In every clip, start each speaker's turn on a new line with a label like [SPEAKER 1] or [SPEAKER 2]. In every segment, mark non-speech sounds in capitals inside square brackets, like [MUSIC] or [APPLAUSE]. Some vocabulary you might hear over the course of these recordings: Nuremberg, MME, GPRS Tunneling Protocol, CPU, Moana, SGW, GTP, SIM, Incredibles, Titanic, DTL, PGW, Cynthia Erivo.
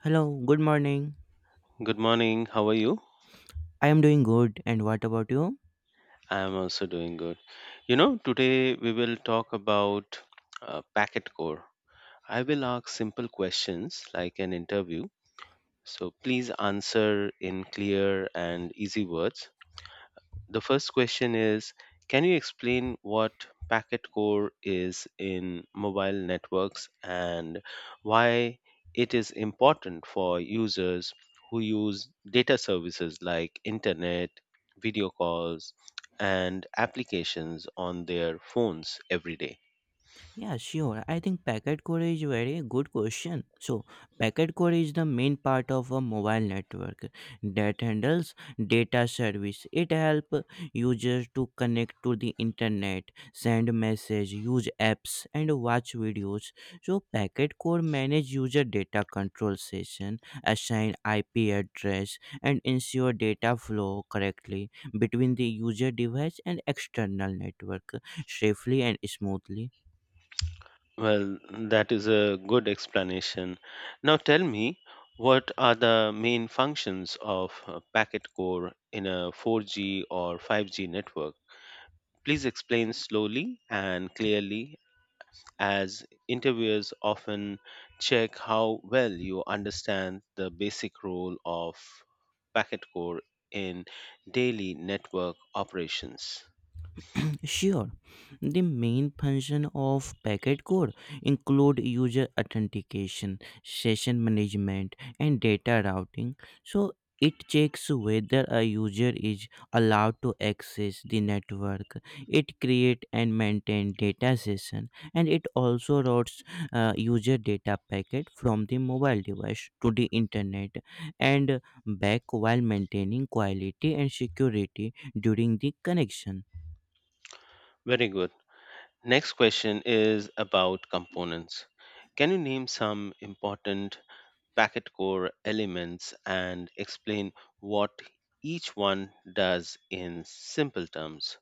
[SPEAKER 1] Hello, good morning.
[SPEAKER 2] Good morning. How are you?
[SPEAKER 1] I am doing good, and what about you?
[SPEAKER 2] I am also doing good. You know, today we will talk about packet core. I will ask simple questions like an interview. So please answer in clear and easy words. The first question is, can you explain what packet core is in mobile networks and why it is important for users who use data services like internet, video calls, and applications on their phones every day?
[SPEAKER 1] Yeah, sure. I think packet core is very good question. So packet core is the main part of a mobile network that handles data service. It help users to connect to the internet, send message, use apps and watch videos. So packet core manage user data control session, assign IP address and ensure data flow correctly between the user device and external network safely and smoothly.
[SPEAKER 2] Well, that is a good explanation. Now tell me, what are the main functions of packet core in a 4G or 5G network? Please explain slowly and clearly, as interviewers often check how well you understand the basic role of packet core in daily network operations.
[SPEAKER 1] Sure, the main function of packet code include user authentication, session management, and data routing. So it checks whether a user is allowed to access the network. It create and maintain data session, and it also routes user data packet from the mobile device to the internet and back while maintaining quality and security during the connection.
[SPEAKER 2] Very good. Next question is about components. Can you name some important packet core elements and explain what each one does in simple terms?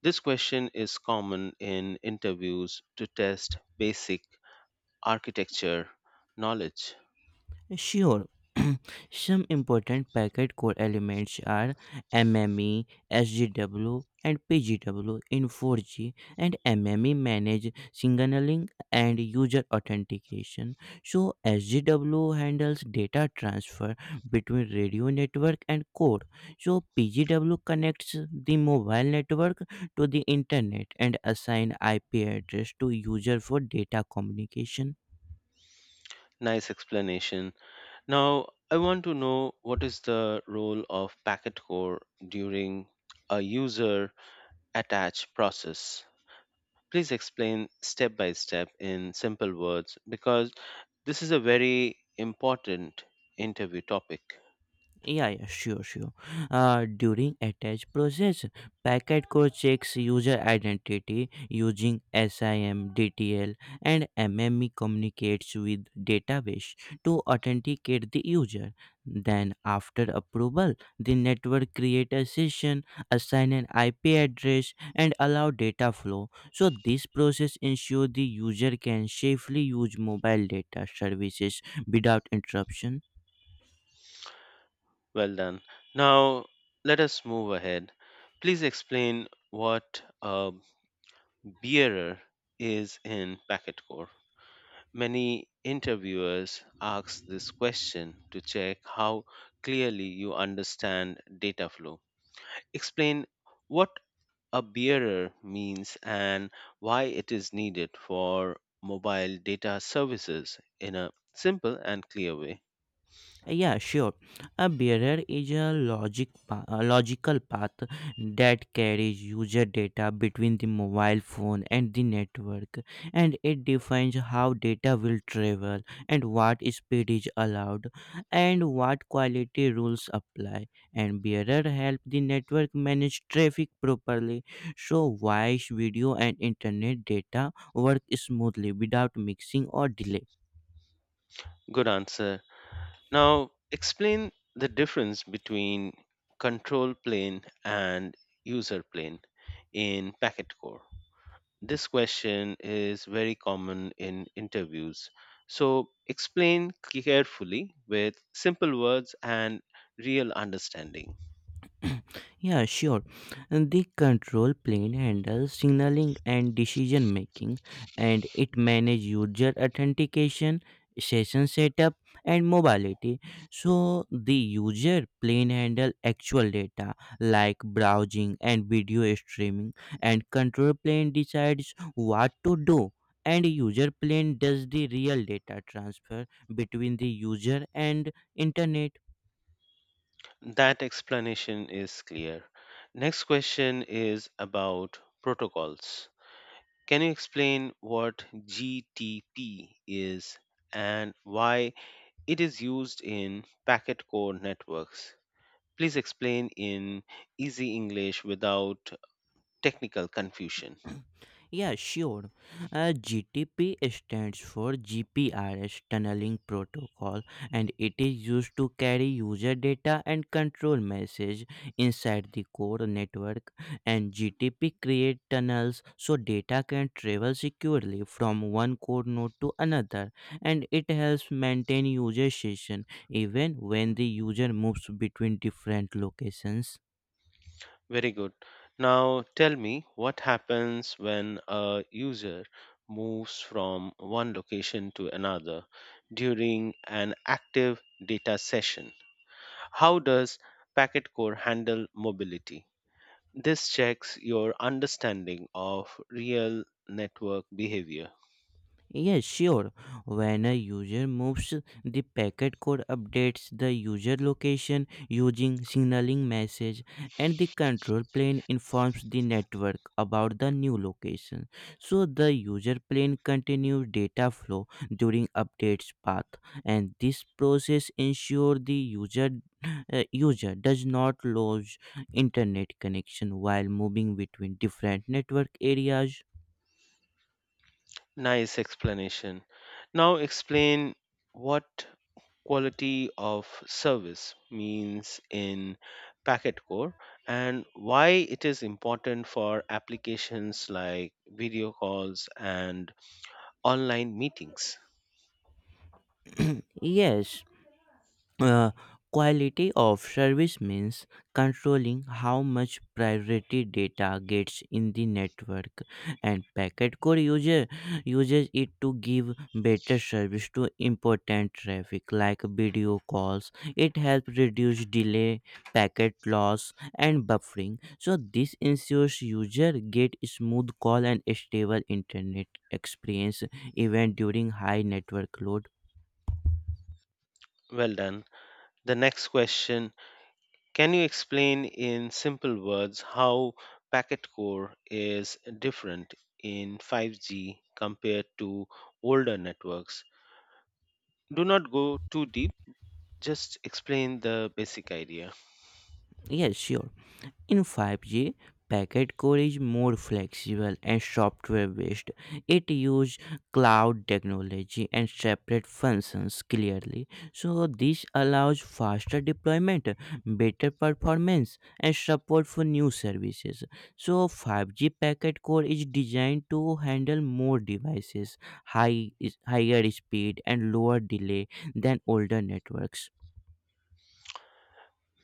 [SPEAKER 2] This question is common in interviews to test basic architecture knowledge.
[SPEAKER 1] Sure. Some important packet core elements are MME, SGW, and PGW in 4G, and MME manage signaling and user authentication. So SGW handles data transfer between radio network and core. So PGW connects the mobile network to the internet and assign IP address to user for data communication.
[SPEAKER 2] Nice explanation. Now, I want to know what is the role of packet core during a user attach process. Please explain step by step in simple words because this is a very important interview topic.
[SPEAKER 1] Yeah, sure. During attach process, packet core checks user identity using SIM, DTL, and MME communicates with database to authenticate the user. Then, after approval, the network create a session, assign an IP address, and allow data flow. So, this process ensure the user can safely use mobile data services without interruption.
[SPEAKER 2] Well done. Now, let us move ahead. Please explain what a bearer is in packet core. Many interviewers ask this question to check how clearly you understand data flow. Explain what a bearer means and why it is needed for mobile data services in a simple and clear way.
[SPEAKER 1] Yeah, sure. A barrier is a a logical path that carries user data between the mobile phone and the network, and it defines how data will travel and what speed is allowed and what quality rules apply. And barrier help the network manage traffic properly, so voice, video, and internet data work smoothly without mixing or delay.
[SPEAKER 2] Good answer. Now, explain the difference between control plane and user plane in packet core. This question is very common in interviews. So explain carefully with simple words and real understanding.
[SPEAKER 1] [CLEARS THROAT] Yeah, sure. And the control plane handles signaling and decision making, and it manages user authentication, session setup, and mobility. So the user plane handle actual data like browsing and video streaming, and control plane decides what to do. And user plane does the real data transfer between the user and internet.
[SPEAKER 2] That explanation is clear. Next question is about protocols. Can you explain what GTP is and why it is used in packet core networks? Please explain in easy English without technical confusion.
[SPEAKER 1] Yeah, sure. gTP stands for GPRS Tunneling Protocol and it is used to carry user data and control message inside the core network, and GTP create tunnels so data can travel securely from one core node to another, and it helps maintain user session even when the user moves between different locations.
[SPEAKER 2] Very good. Now tell me what happens when a user moves from one location to another during an active data session. How does packet core handle mobility? This checks your understanding of real network behavior.
[SPEAKER 1] Yes, sure. When a user moves, the packet code updates the user location using signaling message, and the control plane informs the network about the new location. So the user plane continues data flow during updates path, and this process ensure the user does not lose internet connection while moving between different network areas.
[SPEAKER 2] Nice explanation. Now explain what quality of service means in packet core and why it is important for applications like video calls and online meetings.
[SPEAKER 1] [CLEARS THROAT] Yes. Uh, quality of service means controlling how much priority data gets in the network, and packet core user uses it to give better service to important traffic like video calls. It helps reduce delay, packet loss, and buffering, so this ensures user get smooth call and stable internet experience even during high network load.
[SPEAKER 2] Well done. The next question, can you explain in simple words how packet core is different in 5G compared to older networks? Do not go too deep, just explain the basic idea.
[SPEAKER 1] Yes, sure. In 5G, packet core is more flexible and software based. It uses cloud technology and separate functions clearly. So, this allows faster deployment, better performance, and support for new services. So, 5G packet core is designed to handle more devices, high, higher speed, and lower delay than older networks.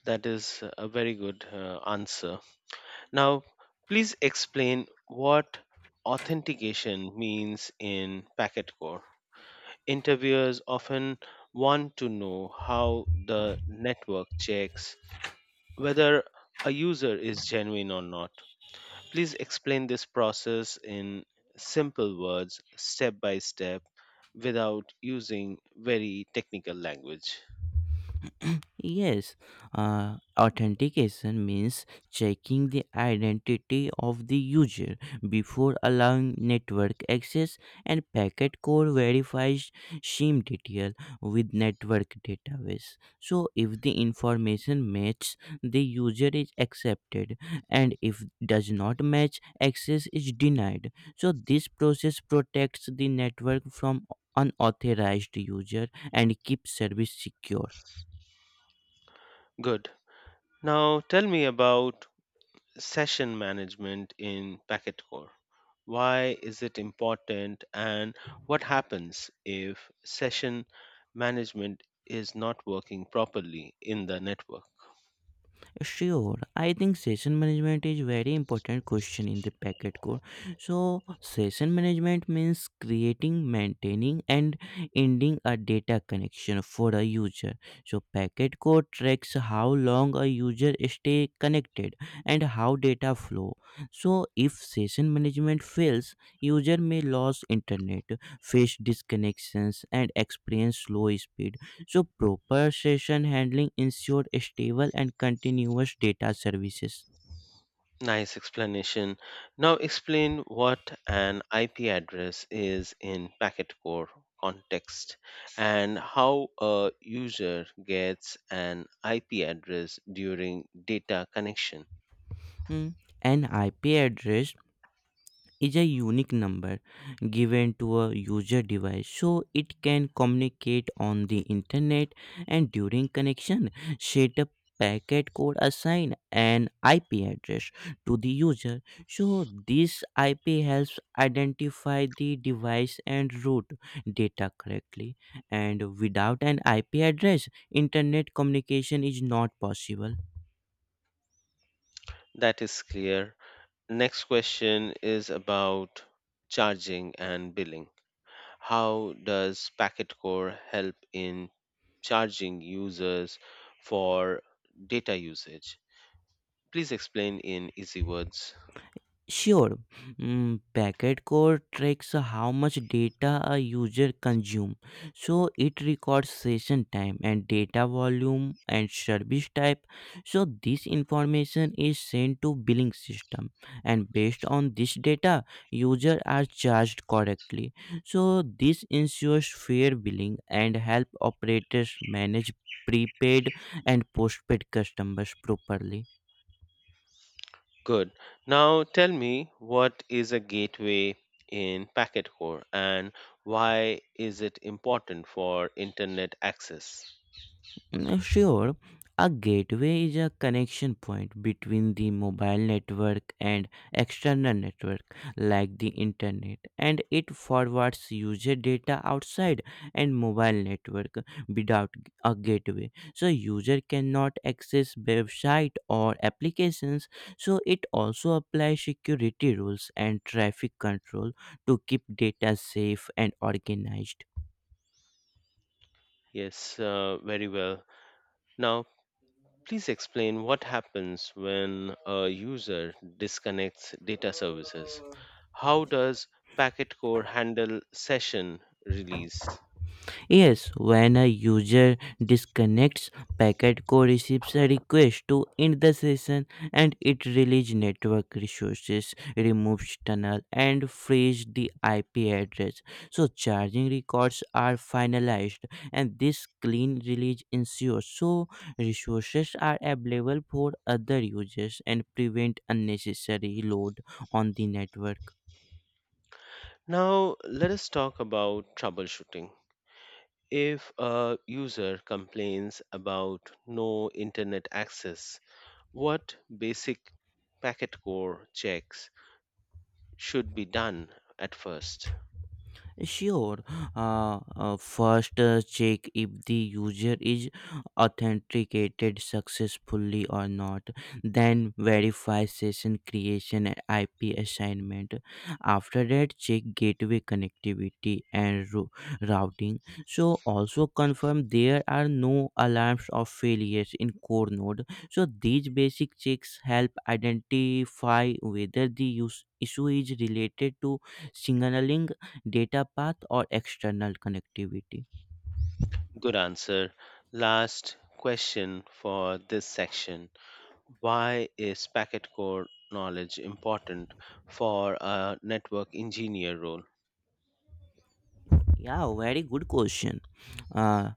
[SPEAKER 2] That is a very good answer. Now, please explain what authentication means in packet core. Interviewers often want to know how the network checks whether a user is genuine or not. Please explain this process in simple words, step by step, without using very technical language.
[SPEAKER 1] Yes, authentication means checking the identity of the user before allowing network access, and packet core verifies SIM detail with network database. So, if the information matches, the user is accepted, and if does not match, access is denied. So, this process protects the network from unauthorized user and keeps service secure.
[SPEAKER 2] Good. Now tell me about session management in Packetcore. Why is it important and what happens if session management is not working properly in the network?
[SPEAKER 1] Sure, I think session management is very important question in the packet core. So session management means creating, maintaining, and ending a data connection for a user. So packet core tracks how long a user stay connected and how data flow. So if session management fails, user may lose internet, face disconnections, and experience slow speed. So proper session handling ensure stable and continuous data services.
[SPEAKER 2] Nice explanation. Now explain what an IP address is in Packetcore context and how a user gets an IP address during data connection.
[SPEAKER 1] Mm, an IP address is a unique number given to a user device so it can communicate on the internet, and during connection setup packet code assign an IP address to the user, so this IP helps identify the device and route data correctly, and without an IP address internet communication is not possible.
[SPEAKER 2] That is clear. Next question is about charging and billing. How does packet core help in charging users for data usage? Please explain in easy words.
[SPEAKER 1] Sure. Mm, packet code tracks how much data a user consumes. So it records session time and data volume and service type. So this information is sent to billing system, and based on this data user are charged correctly. So this ensures fair billing and help operators manage prepaid and postpaid customers properly.
[SPEAKER 2] Good. Now tell me, what is a gateway in packet core and why is it important for internet access?
[SPEAKER 1] Sure a gateway is a connection point between the mobile network and external network like the internet, and it forwards user data outside and mobile network. Without a gateway, so user cannot access website or applications. So it also applies security rules and traffic control to keep data safe and organized.
[SPEAKER 2] Yes, very well. Now please explain what happens when a user disconnects data services. How does packet core handle session release?
[SPEAKER 1] Yes, when a user disconnects, packet core receives a request to end the session, and it releases network resources, removes tunnel, and frees the IP address. So charging records are finalized, and this clean release ensures so resources are available for other users and prevent unnecessary load on the network.
[SPEAKER 2] Now, let us talk about troubleshooting. If a user complains about no internet access, what basic packet core checks should be done at first?
[SPEAKER 1] Sure. First, check if the user is authenticated successfully or not. Then, verify session creation and IP assignment. After that, check gateway connectivity and routing. So, also confirm there are no alarms or failures in core node. So, these basic checks help identify whether the use issue is related to signaling, data path or external connectivity.
[SPEAKER 2] Good answer. Last question for this section. Why is packet core knowledge important for a network engineer role?
[SPEAKER 1] Yeah, very good question. Uh,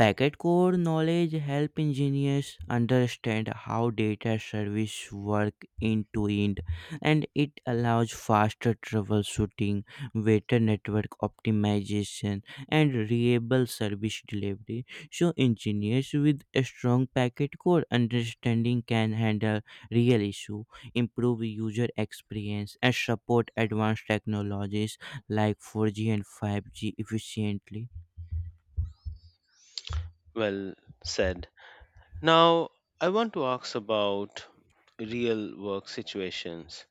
[SPEAKER 1] packet core knowledge help engineers understand how data service work end to end, and it allows faster troubleshooting, better network optimization, and reliable service delivery. So, engineers with a strong packet core understanding can handle real issue, improve user experience, and support advanced technologies like 4G and 5G efficiently.
[SPEAKER 2] Well said. Now, I want to ask about real work situations.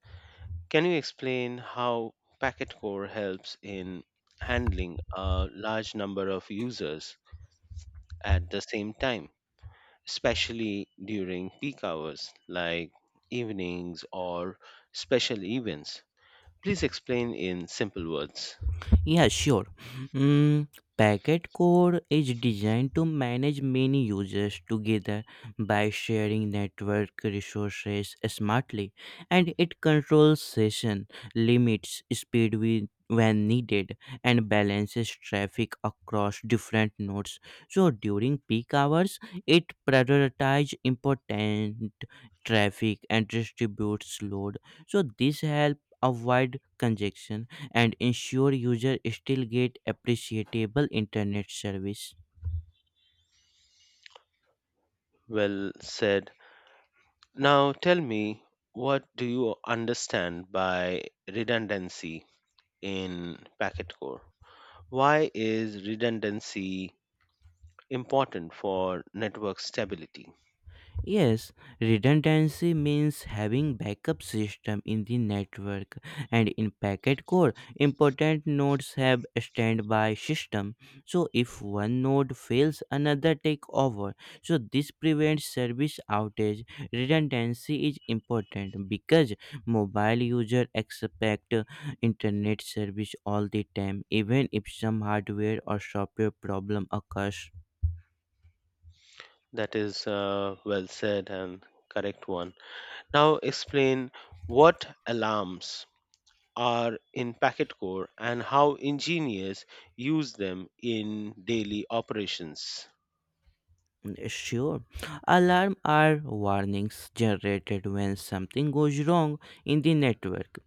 [SPEAKER 2] Can you explain how packet core helps in handling a large number of users at the same time, especially during peak hours like evenings or special events? Please explain in simple words.
[SPEAKER 1] Yeah, sure. Mm, packet core is designed to manage many users together by sharing network resources smartly, and it controls session limits, speed with when needed and balances traffic across different nodes, so during peak hours it prioritizes important traffic and distributes load, so this helps avoid congestion and ensure users still get appreciable internet service.
[SPEAKER 2] Well said. Now tell me, what do you understand by redundancy in packet core? Why is redundancy important for network stability?
[SPEAKER 1] Yes, redundancy means having backup system in the network, and in packet core important nodes have standby system. So if one node fails another take over. So this prevents service outage. Redundancy is important because mobile user expect internet service all the time even if some hardware or software problem occurs.
[SPEAKER 2] That is well said and correct one. Now explain what alarms are in packet core and how engineers use them in daily operations.
[SPEAKER 1] Sure. Alarm are warnings generated when something goes wrong in the network,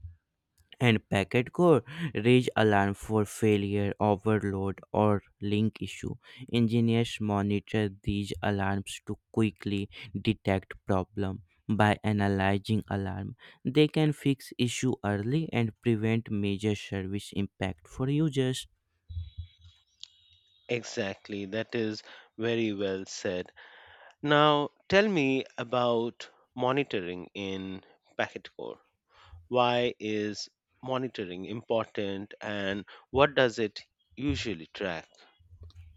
[SPEAKER 1] and packet core raise alarm for failure, overload, or link issue. Engineers monitor these alarms to quickly detect problem. By analyzing alarm, they can fix issue early and prevent major service impact for users.
[SPEAKER 2] Exactly, that is very well said. Now, tell me about monitoring in packet core. Why is monitoring important and what does it usually track?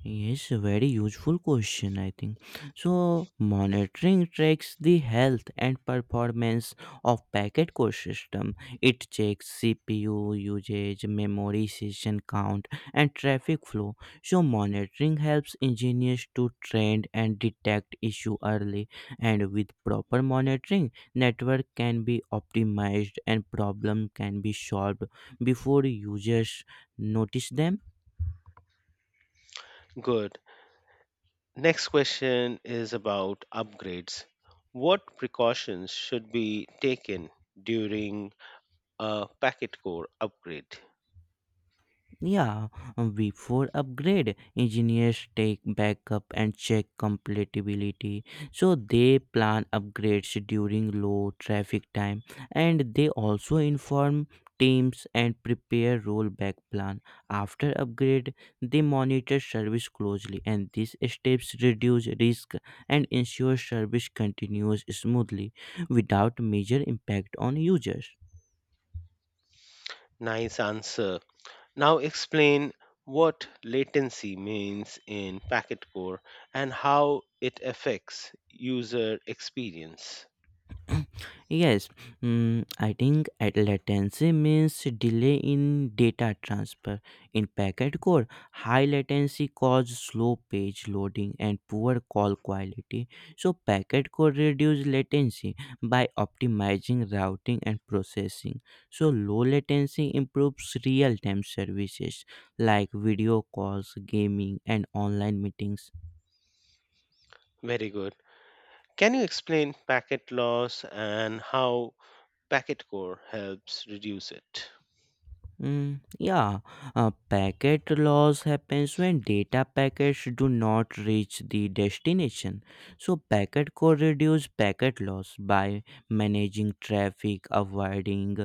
[SPEAKER 1] Yes, a very useful question, I think. So, monitoring tracks the health and performance of packet core system. It checks CPU usage, memory session count, and traffic flow. So, monitoring helps engineers to trend and detect issue early. And with proper monitoring, network can be optimized and problem can be solved before users notice them.
[SPEAKER 2] Good. Next question is about upgrades. What precautions should be taken during a packet core upgrade?
[SPEAKER 1] Yeah, Before upgrade, engineers take backup and check compatibility. So they plan upgrades during low traffic time, and they also inform teams and prepare rollback plan. After upgrade, they monitor service closely, and these steps reduce risk and ensure service continues smoothly without major impact on users.
[SPEAKER 2] Nice answer. Now explain what latency means in packet core and how it affects user experience.
[SPEAKER 1] [CLEARS THROAT] Yes, I think at latency means delay in data transfer. In packet core, high latency causes slow page loading and poor call quality. So packet core reduce latency by optimizing routing and processing. So low latency improves real-time services like video calls, gaming, and online meetings.
[SPEAKER 2] Very good. Can you explain packet loss and how packet core helps reduce it?
[SPEAKER 1] Mm, yeah, packet loss happens when data packets do not reach the destination. So, packet core reduce packet loss by managing traffic, avoiding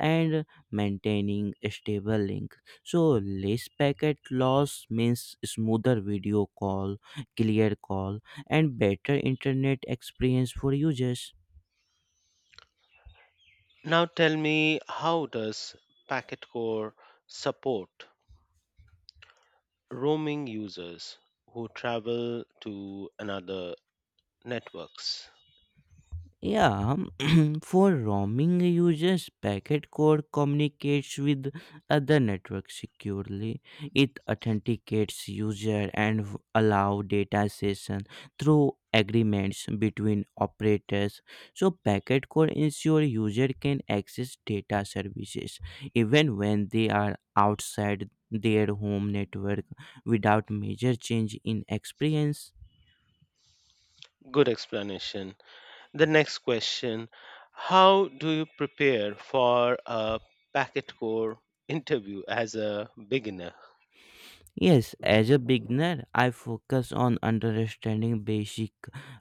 [SPEAKER 1] and maintaining a stable link. So, less packet loss means smoother video call, clear call, and better internet experience for users.
[SPEAKER 2] Now tell me, how does packet core support roaming users who travel to another networks?
[SPEAKER 1] Yeah, [CLEARS THROAT] for roaming users, packet core communicates with other networks securely. It authenticates user and allow data session through agreements between operators. So packet core ensure user can access data services even when they are outside their home network without major change in experience.
[SPEAKER 2] Good explanation. The next question, how do you prepare for a packet core interview as a beginner?
[SPEAKER 1] Yes, as a beginner, I focus on understanding basic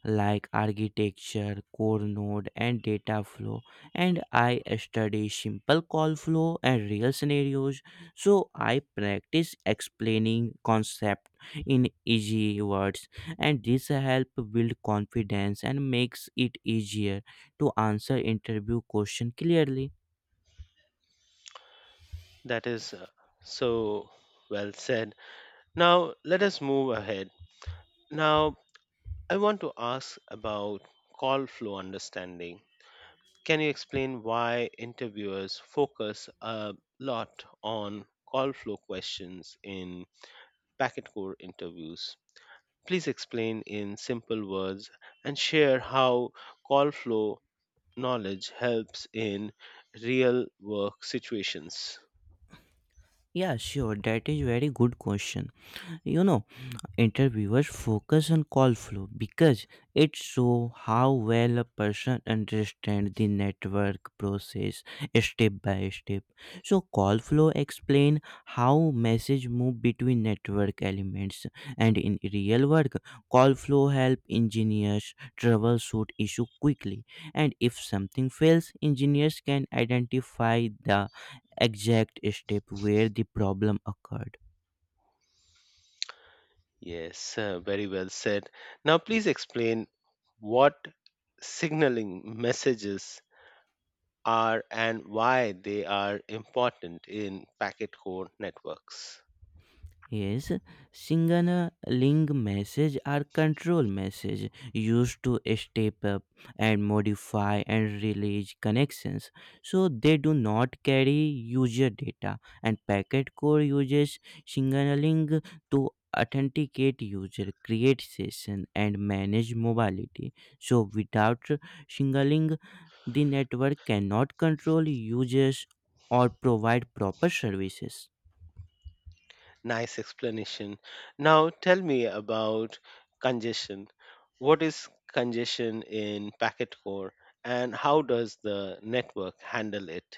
[SPEAKER 1] like architecture, core node, and data flow, and I study simple call flow and real scenarios. So I practice explaining concept in easy words, and this help build confidence and makes it easier to answer interview question clearly.
[SPEAKER 2] That is so well said. Now, let us move ahead. Now, I want to ask about call flow understanding. Can you explain why interviewers focus a lot on call flow questions in packet core interviews? Please explain in simple words and share how call flow knowledge helps in real work situations.
[SPEAKER 1] Yeah, sure, that is very good question. You know interviewers focus on call flow because it shows how well a person understands the network process step by step. So call flow explain how message move between network elements, and in real work call flow help engineers troubleshoot issue quickly, and if something fails engineers can identify the exact step where the problem occurred.
[SPEAKER 2] Yes, very well said. Now, please explain what signaling messages are and why they are important in packet core networks.
[SPEAKER 1] Yes, Singana Ling message are control message used to step up and modify and release connections. So they do not carry user data, and packet core uses signaling to authenticate user, create session and manage mobility. So without signaling the network cannot control users or provide proper services.
[SPEAKER 2] Nice explanation. Now tell me about congestion. What is congestion in packet core and how does the network handle it?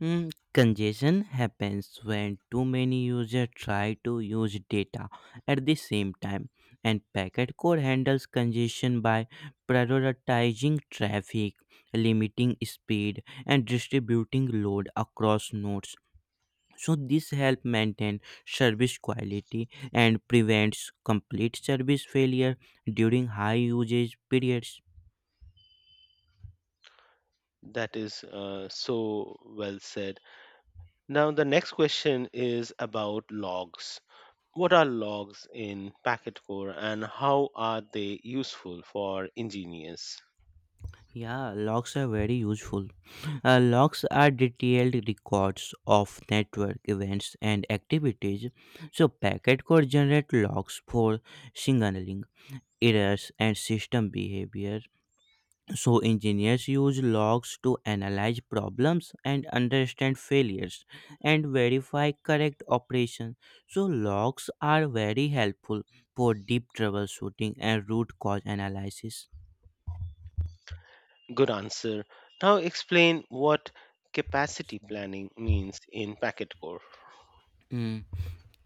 [SPEAKER 1] Congestion happens when too many users try to use data at the same time, and Packet Core handles congestion by prioritizing traffic, limiting speed, and distributing load across nodes. So this helps maintain service quality and prevents complete service failure during high usage periods.
[SPEAKER 2] That is so well said. Now the next question is about logs. What are logs in packet core and how are they useful for engineers?
[SPEAKER 1] Yeah, logs are very useful. Logs are detailed records of network events and activities, so packet could generate logs for signaling, errors, and system behavior. So engineers use logs to analyze problems and understand failures and verify correct operation. So logs are very helpful for deep troubleshooting and root cause analysis.
[SPEAKER 2] Good answer. Now explain what capacity planning means in packet core.
[SPEAKER 1] Mm.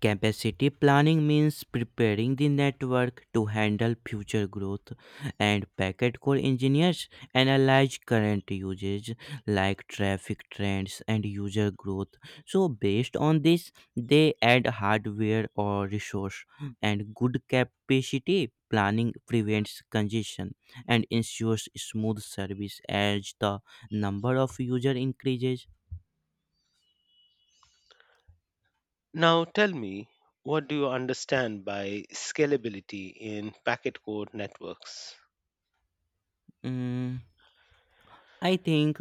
[SPEAKER 1] Capacity planning means preparing the network to handle future growth, and packet core engineers analyze current usage like traffic trends and user growth. So, based on this, they add hardware or resource, and good capacity planning prevents congestion and ensures smooth service as the number of user increases.
[SPEAKER 2] Now tell me, what do you understand by scalability in packet core networks?
[SPEAKER 1] Mm, I think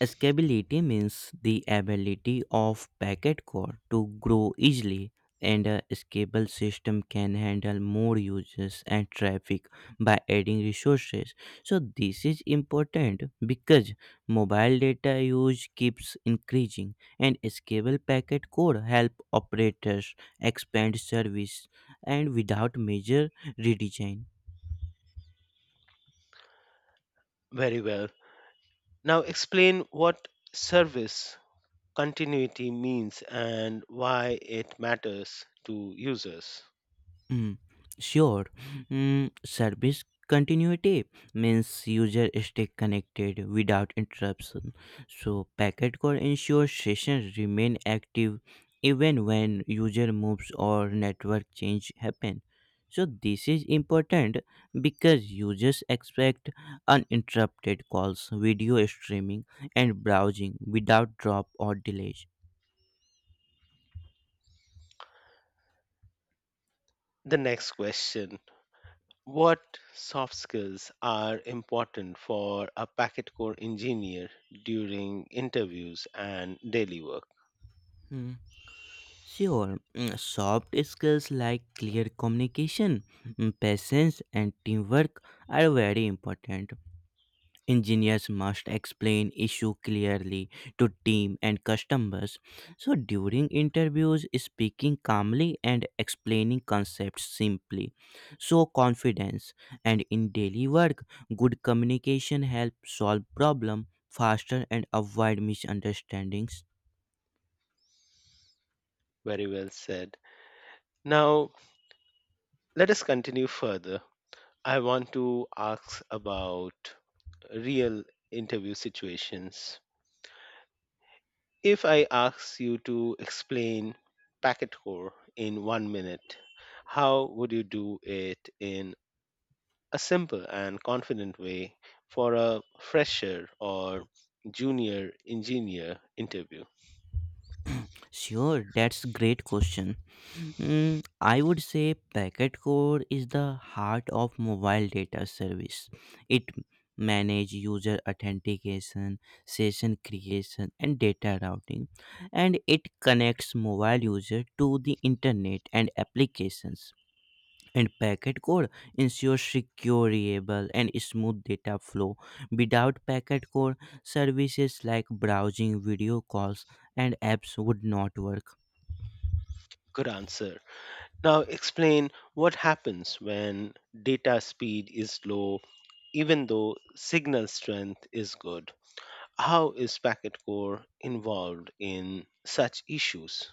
[SPEAKER 1] scalability means the ability of packet core to grow easily, and a scalable system can handle more users and traffic by adding resources. So, this is important because mobile data use keeps increasing, and scalable packet core help operators expand service and without major redesign.
[SPEAKER 2] Very well. Now explain what service continuity means and why it matters to users.
[SPEAKER 1] Mm, sure. Service continuity means user stay connected without interruption. So packet core ensures sessions remain active even when user moves or network change happen. So this is important because users expect uninterrupted calls, video streaming, and browsing without drop or delays.
[SPEAKER 2] The next question, what soft skills are important for a packet core engineer during interviews and daily work?
[SPEAKER 1] Sure, soft skills like clear communication, patience, and teamwork are very important. Engineers must explain issue clearly to team and customers. So during interviews, speaking calmly and explaining concepts simply. So confidence, and in daily work, good communication helps solve problem faster and avoid misunderstandings.
[SPEAKER 2] Very well said. Now, let us continue further. I want to ask about real interview situations. If I ask you to explain packet core in 1 minute, how would you do it in a simple and confident way for a fresher or junior engineer interview?
[SPEAKER 1] Sure, that's great question. I would say packet core is the heart of mobile data service. It manage user authentication, session creation and data routing, and it connects mobile user to the internet and applications. And packet core ensures secure, reliable, and smooth data flow. Without packet core, services like browsing, video calls, and apps would not work.
[SPEAKER 2] Good answer. Now explain what happens when data speed is low, even though signal strength is good. How is packet core involved in such issues?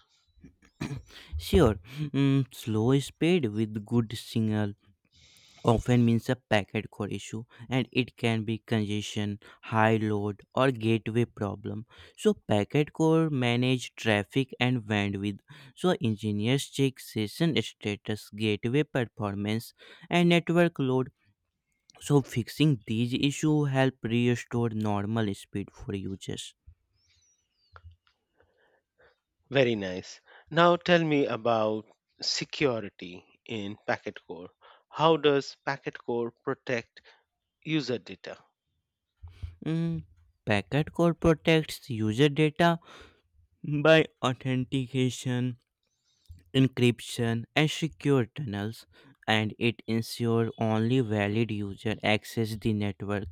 [SPEAKER 1] Sure, slow speed with good signal often means a packet core issue, and it can be congestion, high load or gateway problem. So packet core manage traffic and bandwidth. So engineers check session status, gateway performance and network load. So fixing these issues help restore normal speed for users.
[SPEAKER 2] Very nice. Now tell me about security in packet core. How does packet core protect user data?
[SPEAKER 1] Mm, Packet core protects user data by authentication, encryption, and secure tunnels, and it ensures only valid user access the network.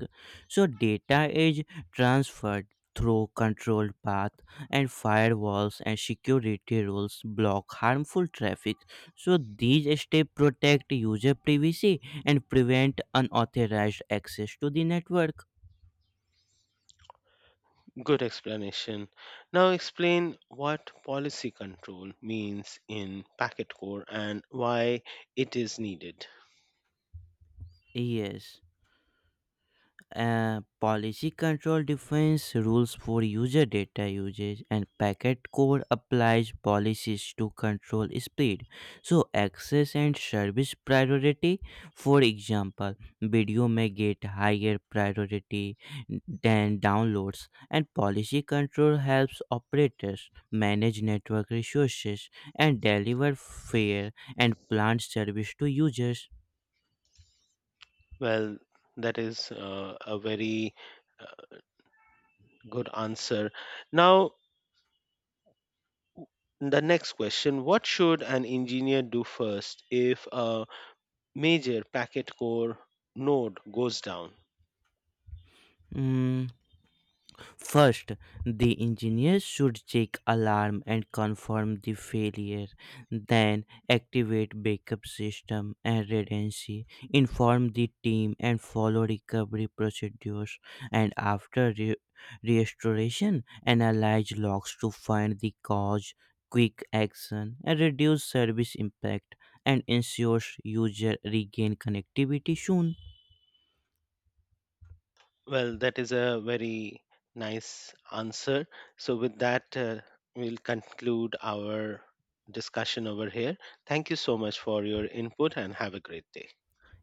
[SPEAKER 1] So data is transferred through controlled path, and firewalls and security rules block harmful traffic, so these steps protect user privacy and prevent unauthorized access to the network.
[SPEAKER 2] Good explanation. Now explain what policy control means in packet core and why it is needed.
[SPEAKER 1] Yes. Policy control defines rules for user data usage, and packet code applies policies to control speed, so access and service priority. For example, video may get higher priority than downloads, and policy control helps operators manage network resources and deliver fair and planned service to users.
[SPEAKER 2] Well, that is a very uh, good answer. Now the next question, what should an engineer do first if a major packet core node goes down?
[SPEAKER 1] Mm, First, the engineer should check alarm and confirm the failure, then activate backup system and redundancy, inform the team and follow recovery procedures, and after restoration, analyze logs to find the cause, quick action, and reduce service impact, and ensures user regain connectivity soon.
[SPEAKER 2] Well, that is a very nice answer. So, with that, we'll conclude our discussion over here. Thank you so much for your input and have a great day.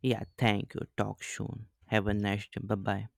[SPEAKER 1] Yeah, thank you. Talk soon. Have a nice day. Bye bye.